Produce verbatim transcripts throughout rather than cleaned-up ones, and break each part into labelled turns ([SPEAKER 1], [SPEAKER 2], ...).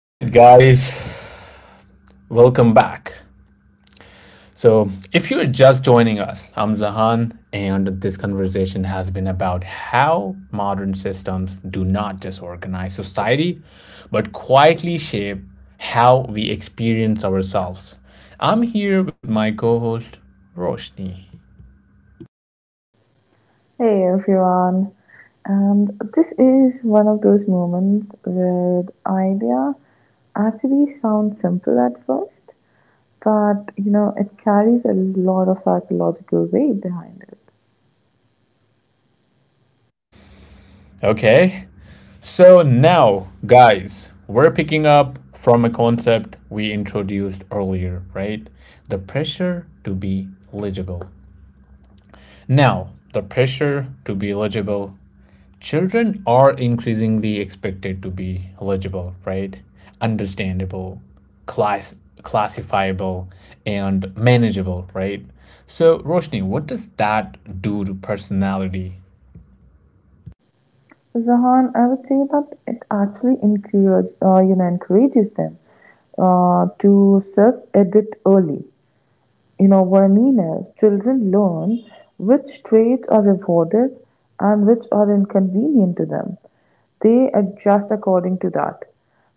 [SPEAKER 1] All right, guys, welcome back. So, if you're just joining us, I'm Zahan, and this conversation has been about how modern systems do not just organize society, but quietly shape how we experience ourselves. I'm here with my co host, Roshni.
[SPEAKER 2] Hey everyone, and this is one of those moments where the idea actually sounds simple at first, but you know it carries a lot of psychological weight behind it.
[SPEAKER 1] Okay, so now, guys, we're picking up from a concept we introduced earlier, right? The pressure to be legible. Now, the pressure to be eligible. Children are increasingly expected to be eligible, right? Understandable, class classifiable, and manageable, right? So, Roshni, what does that do to personality?
[SPEAKER 2] Zahan, I would say that it actually encourage, uh, you know, encourages them uh, to self-edit early. you know, Vermina, children learn which traits are rewarded and which are inconvenient to them. They adjust according to that.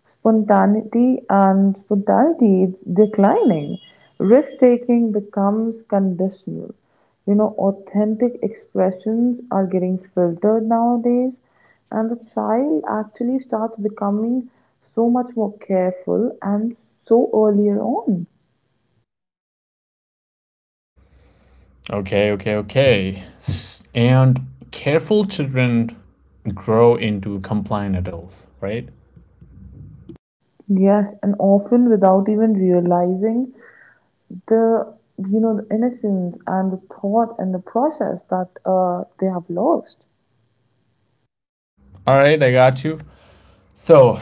[SPEAKER 2] Spontaneity and spontaneity is declining. Risk taking becomes conditional. You know, authentic expressions are getting filtered nowadays, and the child actually starts becoming so much more careful and so earlier on.
[SPEAKER 1] Okay, okay, okay. And careful children grow into compliant adults, right?
[SPEAKER 2] Yes, and often without even realizing the you know the innocence and the thought and the process that uh, they have lost.
[SPEAKER 1] All right, I got you. So,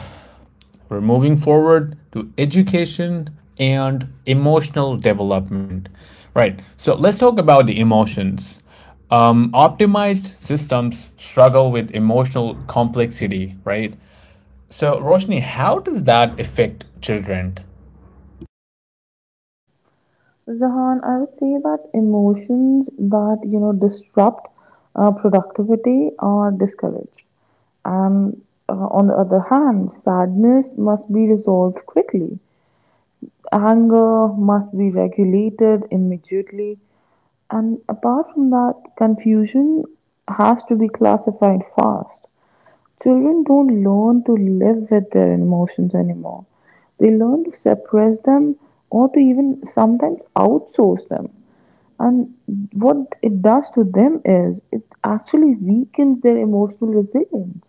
[SPEAKER 1] we're moving forward to education and emotional development. Right. So let's talk about the emotions. Um, optimized systems struggle with emotional complexity, right? So, Roshni, how does that affect children?
[SPEAKER 2] Zahan, I would say that emotions that you know disrupt uh, productivity are discouraged, and uh, on the other hand, sadness must be resolved quickly. Anger must be regulated immediately, and apart from that, confusion has to be classified fast. Children don't learn to live with their emotions anymore. They learn to suppress them or to even sometimes outsource them. And what it does to them is it actually weakens their emotional resilience.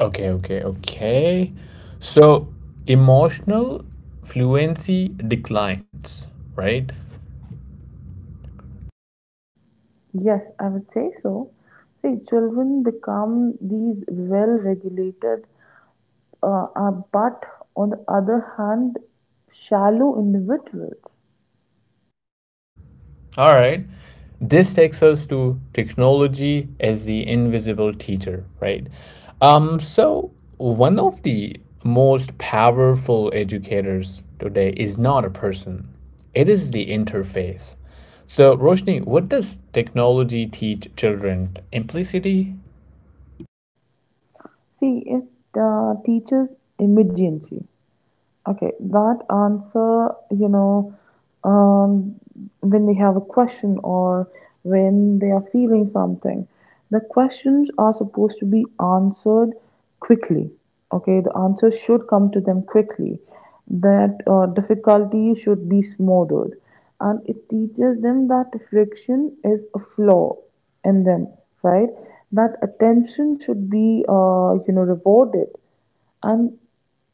[SPEAKER 1] Okay, okay, okay. So, emotional fluency declines, right?
[SPEAKER 2] Yes, I would say so. See, children become these well regulated, uh, uh, but on the other hand, shallow individuals.
[SPEAKER 1] All right. This takes us to technology as the invisible teacher, right? Um, so, One of the most powerful educators today is not a person, it is the interface. So, Roshni, what does technology teach children? Implicity?
[SPEAKER 2] See, it uh, teaches immediacy. Okay, that answer, you know, um, when they have a question or when they are feeling something, the questions are supposed to be answered quickly. Okay, the answer should come to them quickly. That uh, difficulty should be smothered, and it teaches them that friction is a flaw in them, right? That attention should be, uh, you know, rewarded, and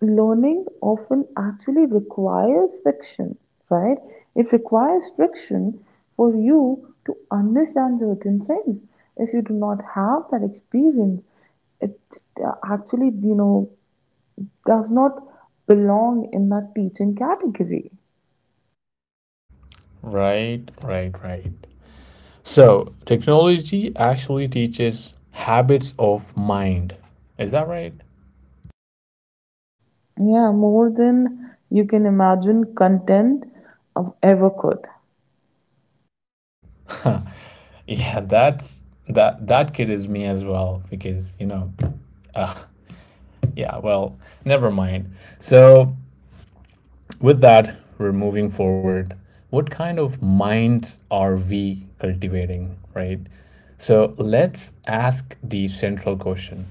[SPEAKER 2] learning often actually requires friction, right? It requires friction for you to understand certain things. If you do not have that experience, it uh, actually, you know, does not belong in that teaching category.
[SPEAKER 1] Right, right, right. So, technology actually teaches habits of mind. Is that right?
[SPEAKER 2] Yeah, more than you can imagine content of ever could.
[SPEAKER 1] Yeah, that's that that kid is me as well because you know, uh, yeah. Well, never mind. So with that, we're moving forward. What kind of minds are we cultivating, right? So let's ask the central question.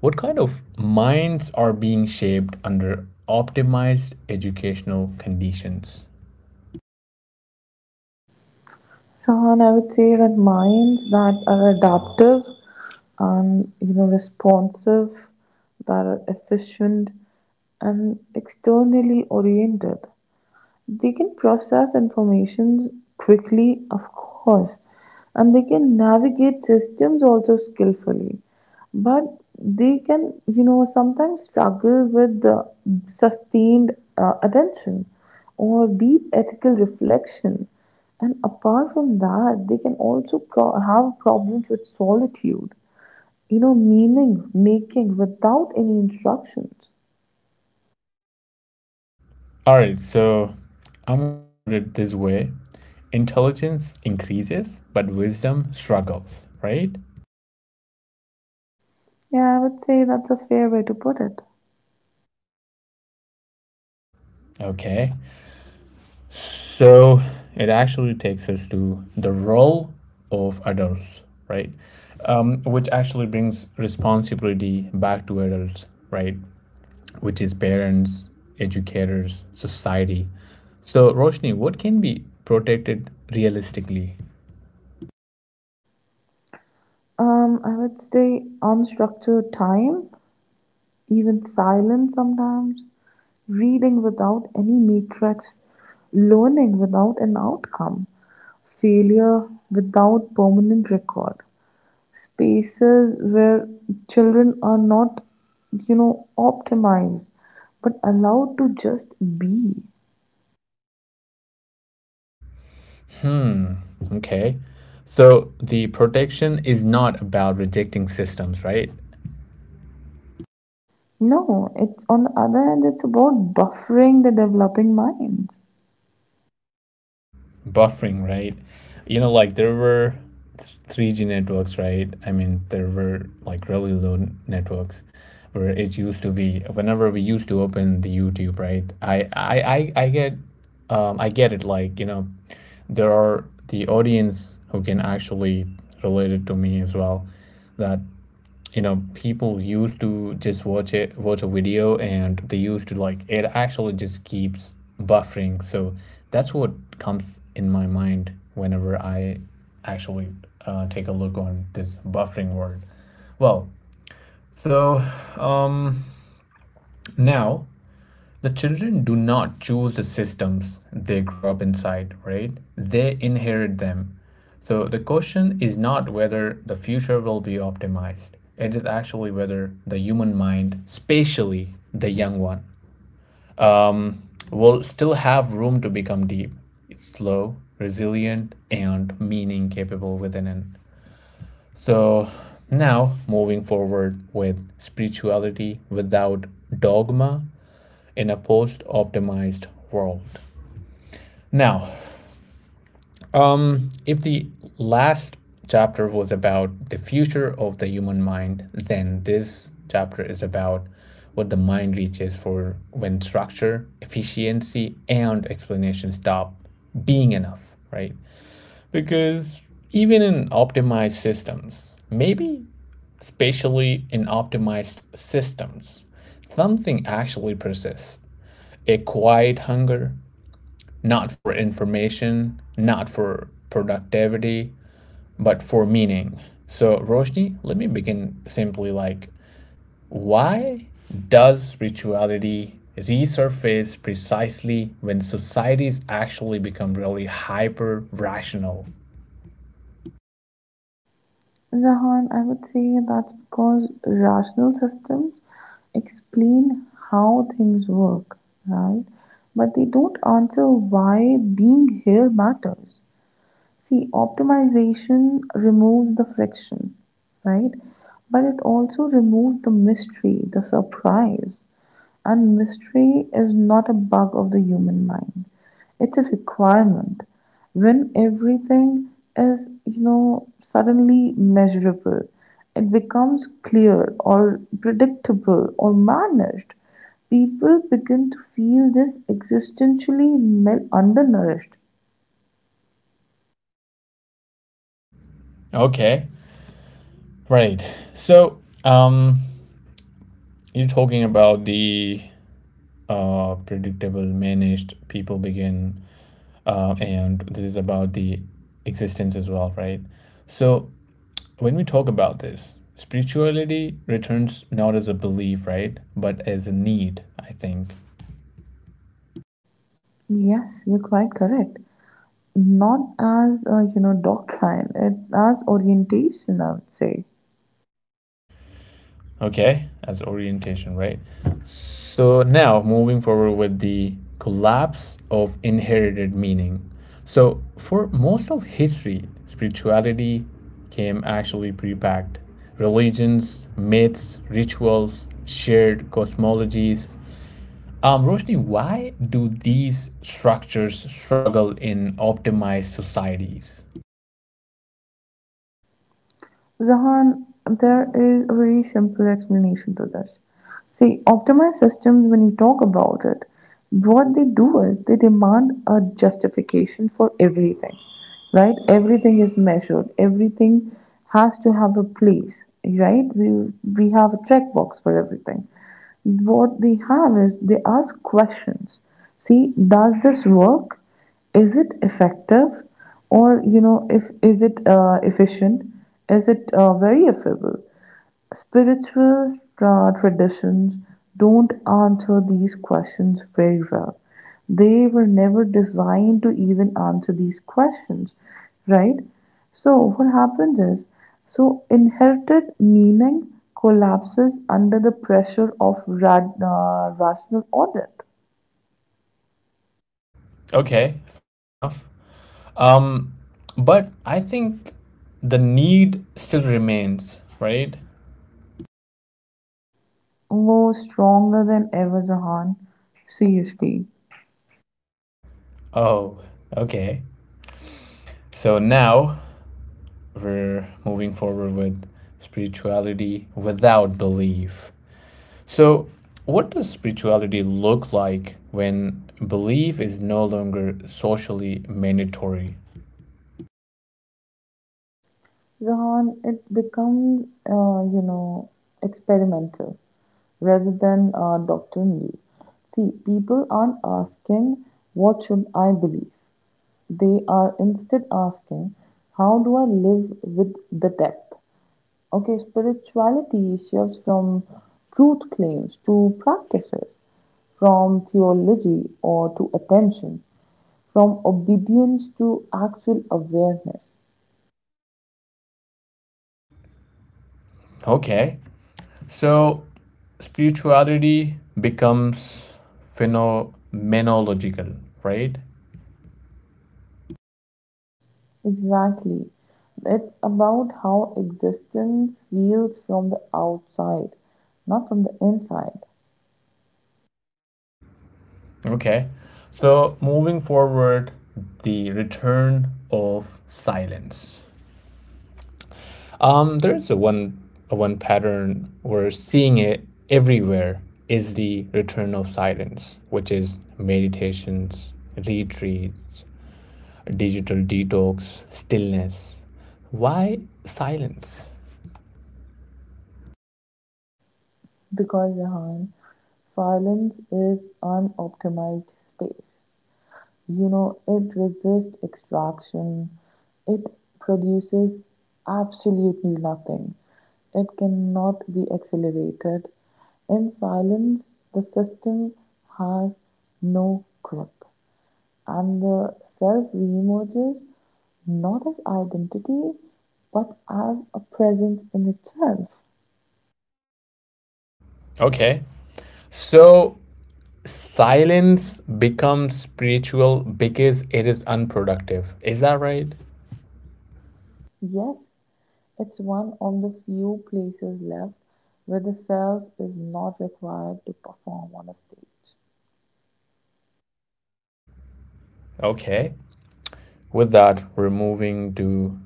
[SPEAKER 1] What kind of minds are being shaped under optimized educational conditions?
[SPEAKER 2] Sahan, I would say that minds that are adaptive and you know responsive, that are efficient and externally oriented. They can process information quickly, of course, and they can navigate systems also skillfully, but they can, you know, sometimes struggle with uh, sustained uh, attention or deep ethical reflection. And apart from that, they can also pro- have problems with solitude, you know, meaning making without any instructions.
[SPEAKER 1] All right, so I'm going to put it this way, intelligence increases, but wisdom struggles, right?
[SPEAKER 2] Yeah, I would say that's a fair way to put it.
[SPEAKER 1] Okay, so it actually takes us to the role of adults, right? Um, which actually brings responsibility back to adults, right? Which is parents, educators, society. So, Roshni, what can be protected realistically?
[SPEAKER 2] Um, I would say unstructured time, even silence sometimes, reading without any matrix, learning without an outcome, failure without permanent record, spaces where children are not, you know, optimized but allowed to just be.
[SPEAKER 1] Hmm. Okay. So the protection is not about rejecting systems, right?
[SPEAKER 2] No, it's on the other hand, it's about buffering the developing minds.
[SPEAKER 1] Buffering, right? You know, like there were s- three G networks, right? I mean, there were like really low n- networks where it used to be whenever we used to open the YouTube, right? I I I, I get um I get it, like, you know, there are the audience who can actually relate it to me as well that, you know, people used to just watch it watch a video, and they used to like it actually just keeps buffering. So that's what comes in my mind whenever I actually uh, take a look on this buffering word. Well, so now, the children do not choose the systems they grow up inside, right? They inherit them. So the question is not whether the future will be optimized, it is actually whether the human mind, spatially the young one, will still have room to become deep, slow, resilient, and meaning capable within it. So now moving forward with spirituality without dogma in a post optimized world. Now, um, if the last chapter was about the future of the human mind, then this chapter is about what the mind reaches for when structure, efficiency, and explanation stop being enough, right? Because even in optimized systems, maybe especially in optimized systems, something actually persists, a quiet hunger, not for information, not for productivity, but for meaning. So, Roshni, let me begin simply, like, why does rituality resurface precisely when societies actually become really hyper rational?
[SPEAKER 2] Rahan, I would say that's because rational systems explain how things work, right? But they don't answer why being here matters. See, optimization removes the friction, right? But it also removes the mystery, the surprise. And mystery is not a bug of the human mind. It's a requirement. When everything is, you know, suddenly measurable, it becomes clear or predictable or managed. People begin to feel this existentially mel- undernourished.
[SPEAKER 1] Okay, right. So, um, you're talking about the uh, predictable managed people begin, uh, and this is about the existence as well, right? So, when we talk about this, spirituality returns not as a belief, right? But as a need, I think.
[SPEAKER 2] Yes, you're quite correct. Not as, uh, you know, doctrine, it, as orientation, I would say.
[SPEAKER 1] Okay, as orientation, right? So now moving forward with the collapse of inherited meaning. So for most of history, spirituality came actually pre-packed. Religions, myths, rituals, shared cosmologies. Um, Roshni, why do these structures struggle in optimized societies?
[SPEAKER 2] Zahan, there is a very simple explanation to this. See, optimized systems, when you talk about it, what they do is they demand a justification for everything, right? Everything is measured, everything has to have a place, right? We, we have a checkbox for everything. What they have is they ask questions. See, does this work? Is it effective, or you know, if is it uh, efficient? Is it uh, very affordable? Spiritual uh, traditions don't answer these questions very well. They were never designed to even answer these questions, right? So, what happens is, so inherited meaning collapses under the pressure of rad, uh, rational audit.
[SPEAKER 1] Okay, fair enough. Um, but I think the need still remains, right?
[SPEAKER 2] Oh, stronger than ever, Zahan. Seriously.
[SPEAKER 1] Oh, okay. So now we're moving forward with spirituality without belief. So, what does spirituality look like when belief is no longer socially mandatory?
[SPEAKER 2] Zahan, it becomes, uh, you know, experimental rather than uh, doctrinal. See, people aren't asking, what should I believe? They are instead asking, how do I live with the depth? Okay, spirituality shifts from truth claims to practices, from theology or to attention, from obedience to actual awareness.
[SPEAKER 1] Okay. So, spirituality becomes phenomenological, right?
[SPEAKER 2] Exactly. It's about how existence feels from the outside, not from the inside.
[SPEAKER 1] Okay. So, moving forward, the return of silence. Um, there is a one a one pattern we're seeing it everywhere is the return of silence, which is meditations, retreats, digital detox, stillness. Why silence?
[SPEAKER 2] Because, Rehan, silence is unoptimized space. You know it resists extraction. It produces absolutely nothing. It cannot be accelerated. In silence, the system has no grip, and the self reemerges not as identity but as a presence in itself.
[SPEAKER 1] Okay. So silence becomes spiritual because it is unproductive. Is that right?
[SPEAKER 2] Yes, it's one of the few places left where the self is not required to perform on a stage.
[SPEAKER 1] Okay. With that, we're moving to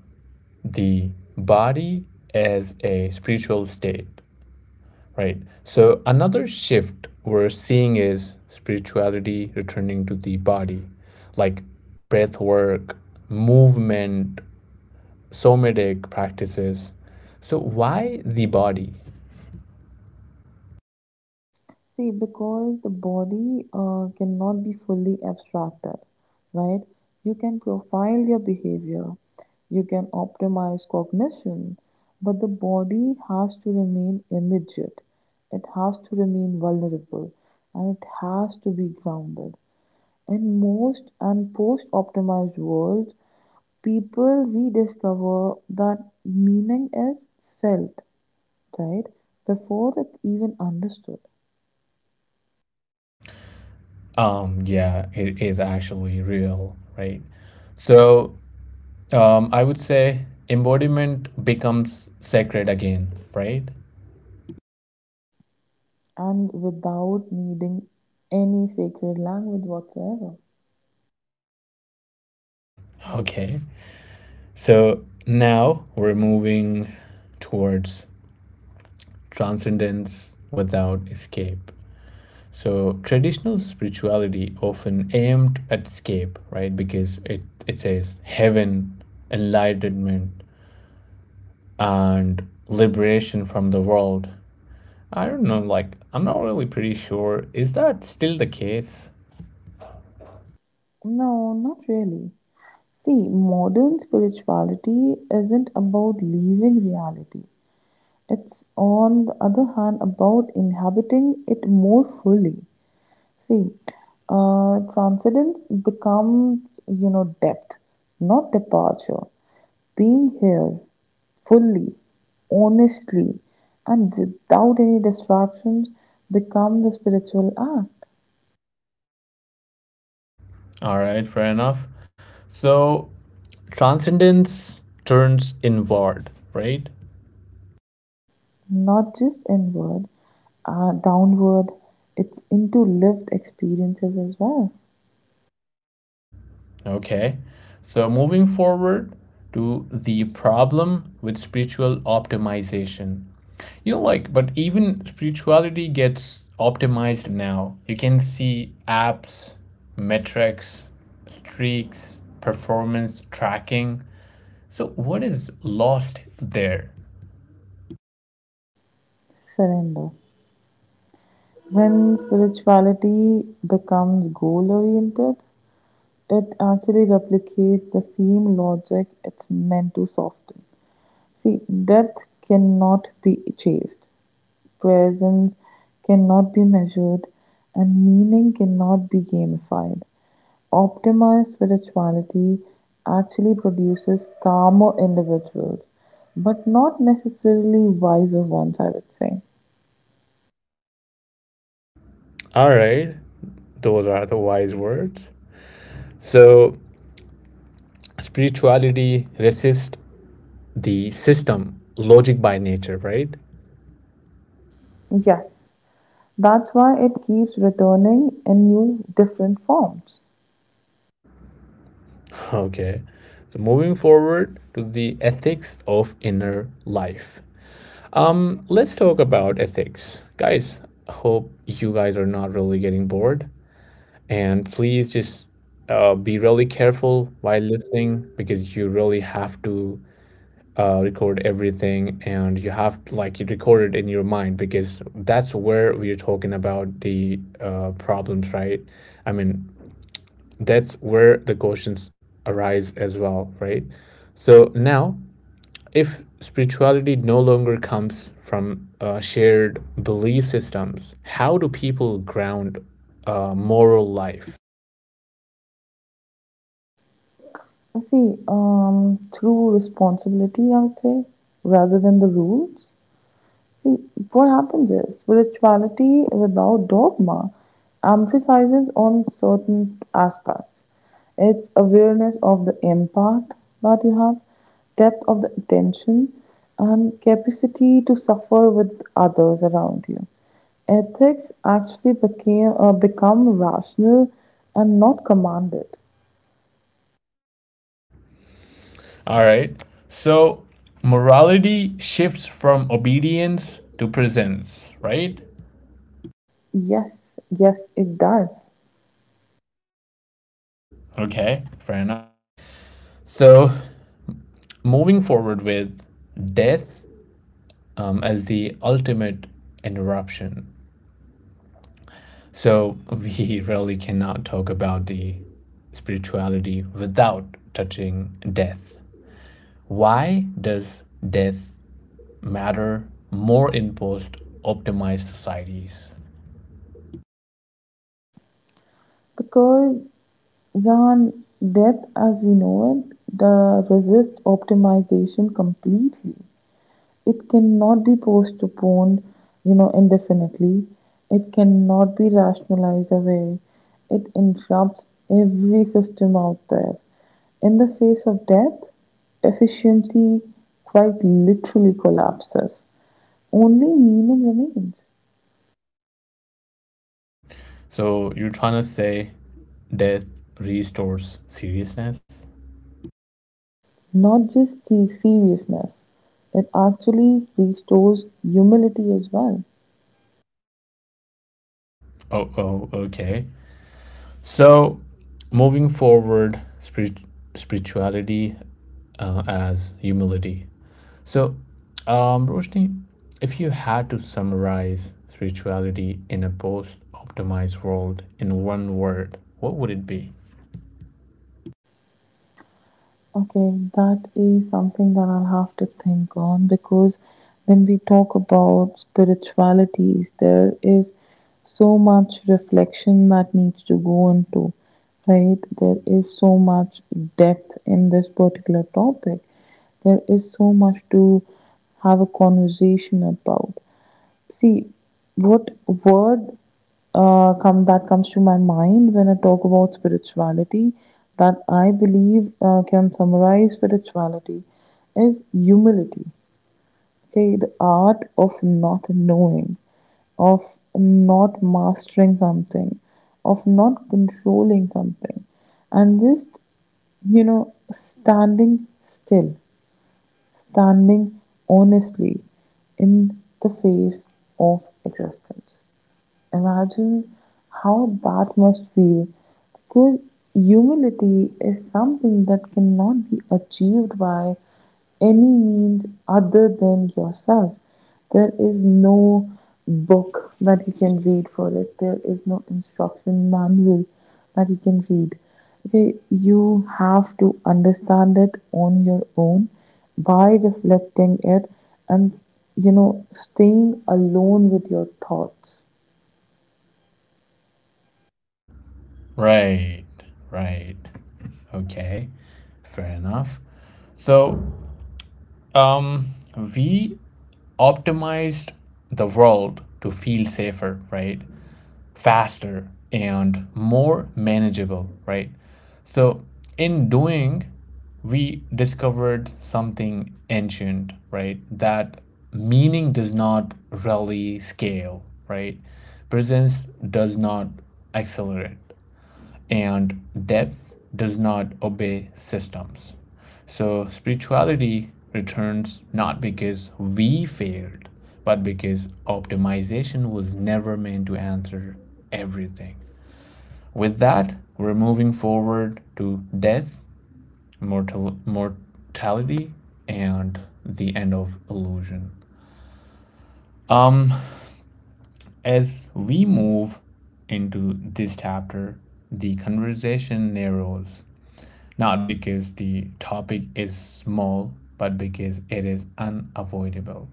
[SPEAKER 1] the body as a spiritual state, right? So, another shift we're seeing is spirituality returning to the body, like breath work, movement, somatic practices. So, why the body?
[SPEAKER 2] See, because the body uh, cannot be fully abstracted, right? You can profile your behavior, you can optimize cognition, but the body has to remain immediate, it has to remain vulnerable, and it has to be grounded. In most and post optimized worlds, people rediscover that meaning is felt, right? Before it's even understood.
[SPEAKER 1] Um, yeah, it is actually real, right? So, um, I would say embodiment becomes sacred again, right?
[SPEAKER 2] And without needing any sacred language whatsoever.
[SPEAKER 1] Okay. So now we're moving towards transcendence without escape. So traditional spirituality often aimed at escape, right? Because it, it says heaven, enlightenment, and liberation from the world. I don't know, like, I'm not really pretty sure. Is that still the case?
[SPEAKER 2] No, not really. See, modern spirituality isn't about leaving reality. It's, on the other hand, about inhabiting it more fully. See, uh, transcendence becomes, you know, depth, not departure. Being here fully, honestly, and without any distractions become the spiritual act.
[SPEAKER 1] All right, fair enough. So, transcendence turns inward, right?
[SPEAKER 2] Not just inward, uh, downward, it's into lived experiences as well.
[SPEAKER 1] Okay. So, moving forward to the problem with spiritual optimization. You know, like, but even spirituality gets optimized now. You can see apps, metrics, streaks, performance tracking. So, what is lost there?
[SPEAKER 2] Surrender. When spirituality becomes goal oriented, it actually replicates the same logic it's meant to soften. See, depth cannot be chased, presence cannot be measured, and meaning cannot be gamified. Optimized spirituality actually produces calmer individuals, but not necessarily wiser ones, I would say.
[SPEAKER 1] All right, those are the wise words. So, spirituality resists the system, logic by nature, right?
[SPEAKER 2] Yes, that's why it keeps returning in new, different forms.
[SPEAKER 1] Okay. So, moving forward to the ethics of inner life. Um, let's talk about ethics. Guys, hope you guys are not really getting bored. And please just uh, be really careful while listening, because you really have to uh, record everything, and you have like you record it in your mind, because that's where we're talking about the uh, problems, right? I mean, that's where the questions arise as well, right? So now, if spirituality no longer comes from uh, shared belief systems, how do people ground uh, moral life?
[SPEAKER 2] See, um, through responsibility, I would say, rather than the rules. See, what happens is spirituality without dogma emphasizes on certain aspects. It's awareness of the impact that you have, depth of the attention, and capacity to suffer with others around you. Ethics actually became uh, become rational and not commanded.
[SPEAKER 1] All right, so morality shifts from obedience to presence, right?
[SPEAKER 2] Yes, yes, it does.
[SPEAKER 1] Okay, fair enough. So, moving forward with death um, as the ultimate interruption. So, we really cannot talk about the spirituality without touching death. Why does death matter more in post optimized societies?
[SPEAKER 2] Because Zahn, death, as we know it, the resist optimization completely. It cannot be postponed, you know, indefinitely. It cannot be rationalized away. It interrupts every system out there. In the face of death, efficiency quite literally collapses. Only meaning remains.
[SPEAKER 1] So, you're trying to say death restores seriousness?
[SPEAKER 2] Not just the seriousness. It actually restores humility as well.
[SPEAKER 1] Oh, oh, okay. So, moving forward, spirit, spirituality uh, as humility. So, um, Roshni, if you had to summarize spirituality in a post optimized world in one word, what would it be?
[SPEAKER 2] Okay, that is something that I'll have to think on because when we talk about spiritualities, there is so much reflection that needs to go into, right? There is so much depth in this particular topic. There is so much to have a conversation about. See, what word uh, come that comes to my mind when I talk about spirituality that I believe uh, can summarize spirituality is humility. Okay, the art of not knowing, of not mastering something, of not controlling something, and just you know standing still, standing honestly in the face of existence. Imagine how that must feel, because humility is something that cannot be achieved by any means other than yourself. There is no book that you can read for it, there is no instruction manual that you can read. Okay, you have to understand it on your own by reflecting it and you know staying alone with your thoughts.
[SPEAKER 1] Right, right. Okay, fair enough. So, um, we optimized the world to feel safer, right? Faster and more manageable, right? So, in doing, we discovered something ancient, right? That meaning does not really scale, right? Presence does not accelerate, and depth does not obey systems. So spirituality returns not because we failed, but because optimization was never meant to answer everything. With that, we're moving forward to death, mortal mortality, and the end of illusion. Um, as we move into this chapter, the conversation narrows not because the topic is small, but because it is unavoidable.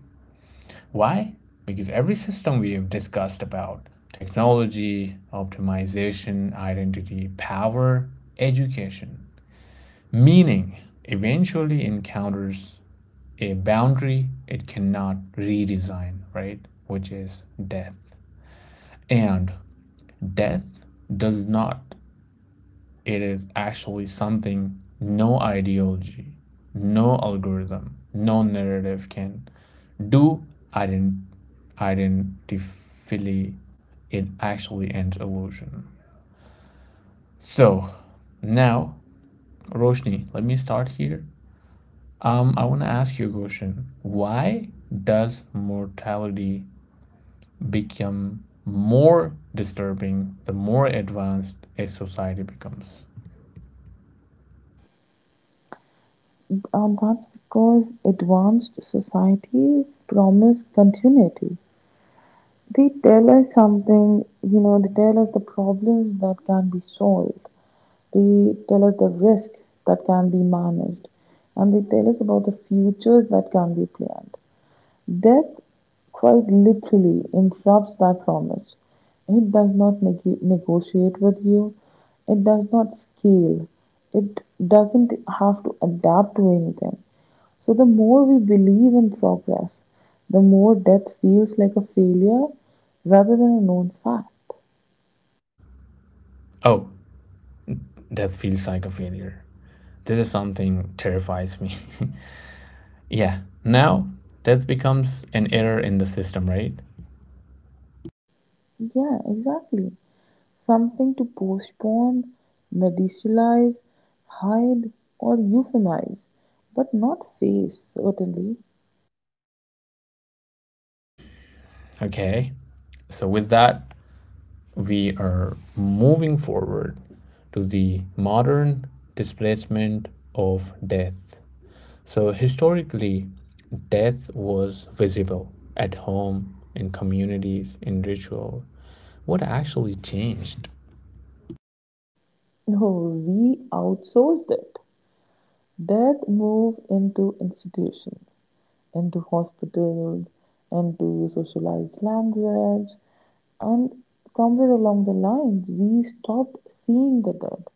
[SPEAKER 1] Why? Because every system we have discussed about technology, optimization, identity, power, education, meaning eventually encounters a boundary it cannot redesign, right? Which is death. And death does not, it is actually something no ideology, no algorithm, no narrative can do, ident- identifily, it actually ends illusion. So now, Roshni, let me start here. Um, I want to ask you a question. Why does mortality become more disturbing the more advanced a society becomes?
[SPEAKER 2] Uh, that's because advanced societies promise continuity. They tell us something, you know, they tell us the problems that can be solved, they tell us the risk that can be managed, and they tell us about the futures that can be planned. Death quite literally interrupts that promise. It does not neg- negotiate with you, it does not scale, it doesn't have to adapt to anything. So, the more we believe in progress, the more death feels like a failure rather than a known fact.
[SPEAKER 1] Oh, that feels like a failure. This is something terrifies me. Yeah. Now that becomes an error in the system, right?
[SPEAKER 2] Yeah, exactly. Something to postpone, medicialize, hide, or euphemize, but not face, certainly.
[SPEAKER 1] Okay. So with that, we are moving forward to the modern displacement of death. So historically, death was visible at home, in communities, in ritual. What actually changed?
[SPEAKER 2] No, we outsourced it. Death moved into institutions, into hospitals, into socialized language, and somewhere along the lines, we stopped seeing the dead,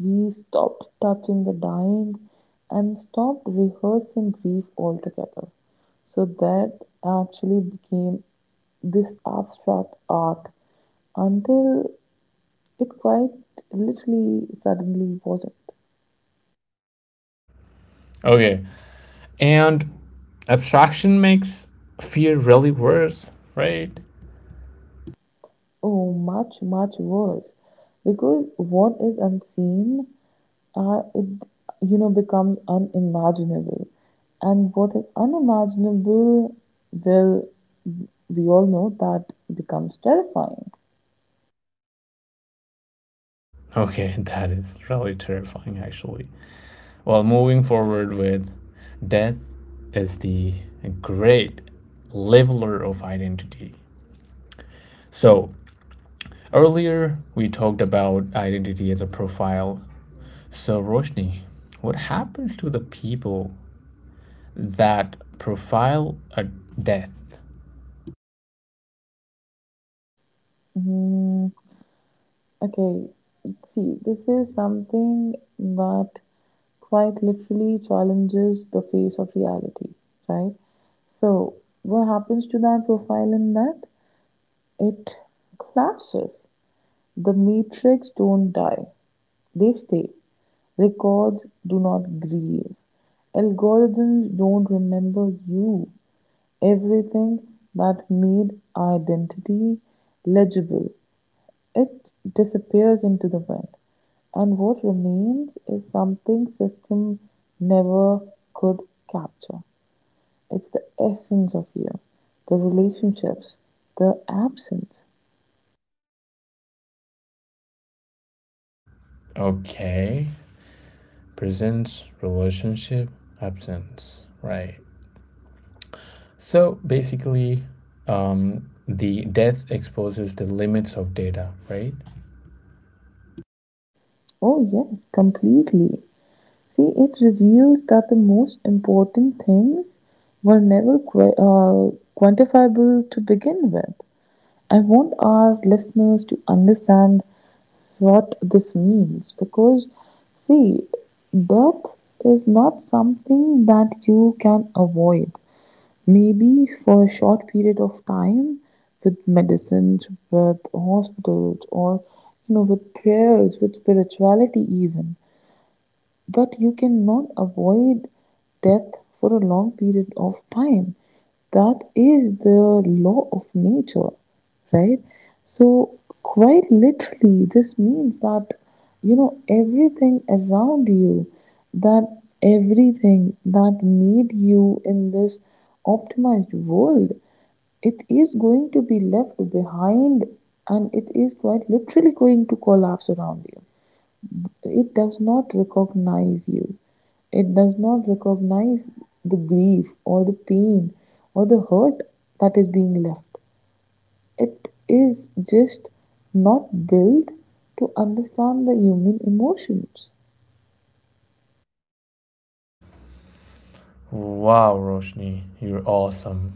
[SPEAKER 2] we stopped touching the dying, and stopped rehearsing grief altogether. So that actually became this abstract art until it quite literally suddenly wasn't.
[SPEAKER 1] Okay. And abstraction makes fear really worse, right?
[SPEAKER 2] Oh, much, much worse. Because what is unseen, uh, it you know becomes unimaginable, and what is unimaginable, well, we all know that becomes terrifying.
[SPEAKER 1] Okay, that is really terrifying actually. Well, moving forward with death is the great leveler of identity. So, earlier we talked about identity as a profile. So, Roshni, what happens to the people that profile a death?
[SPEAKER 2] Mm, okay, see, this is something that quite literally challenges the face of reality, right? So, what happens to that profile in that? It collapses. The matrix don't die, they stay. Records do not grieve. Algorithms don't remember you. Everything that made identity legible, it disappears into the wind. And what remains is something system never could capture. It's the essence of you, the relationships, the absence.
[SPEAKER 1] Okay, presence, relationship, absence, right? So basically, um, the death exposes the limits of data, right?
[SPEAKER 2] Oh, yes, completely. See, it reveals that the most important things were never qu- uh, quantifiable to begin with. I want our listeners to understand what this means because, see, death is not something that you can avoid. Maybe for a short period of time with medicines, with hospitals, or you know, with prayers, with spirituality, even, but you cannot avoid death for a long period of time. That is the law of nature, right? So, quite literally, this means that you know everything around you, that everything that made you in this optimized world, it is going to be left behind, and it is quite literally going to collapse around you. It does not recognize you. It does not recognize the grief or the pain or the hurt that is being left. It is just not built to understand the human emotions.
[SPEAKER 1] Wow, Roshni, you're awesome.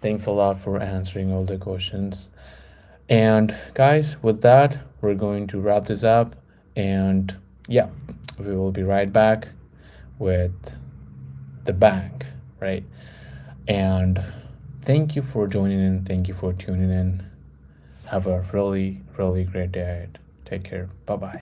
[SPEAKER 1] Thanks a lot for answering all the questions. And guys, with that, we're going to wrap this up. And yeah, we will be right back with the bank, right? And thank you for joining in. Thank you for tuning in. Have a really, really great day ahead. Take care. Bye bye.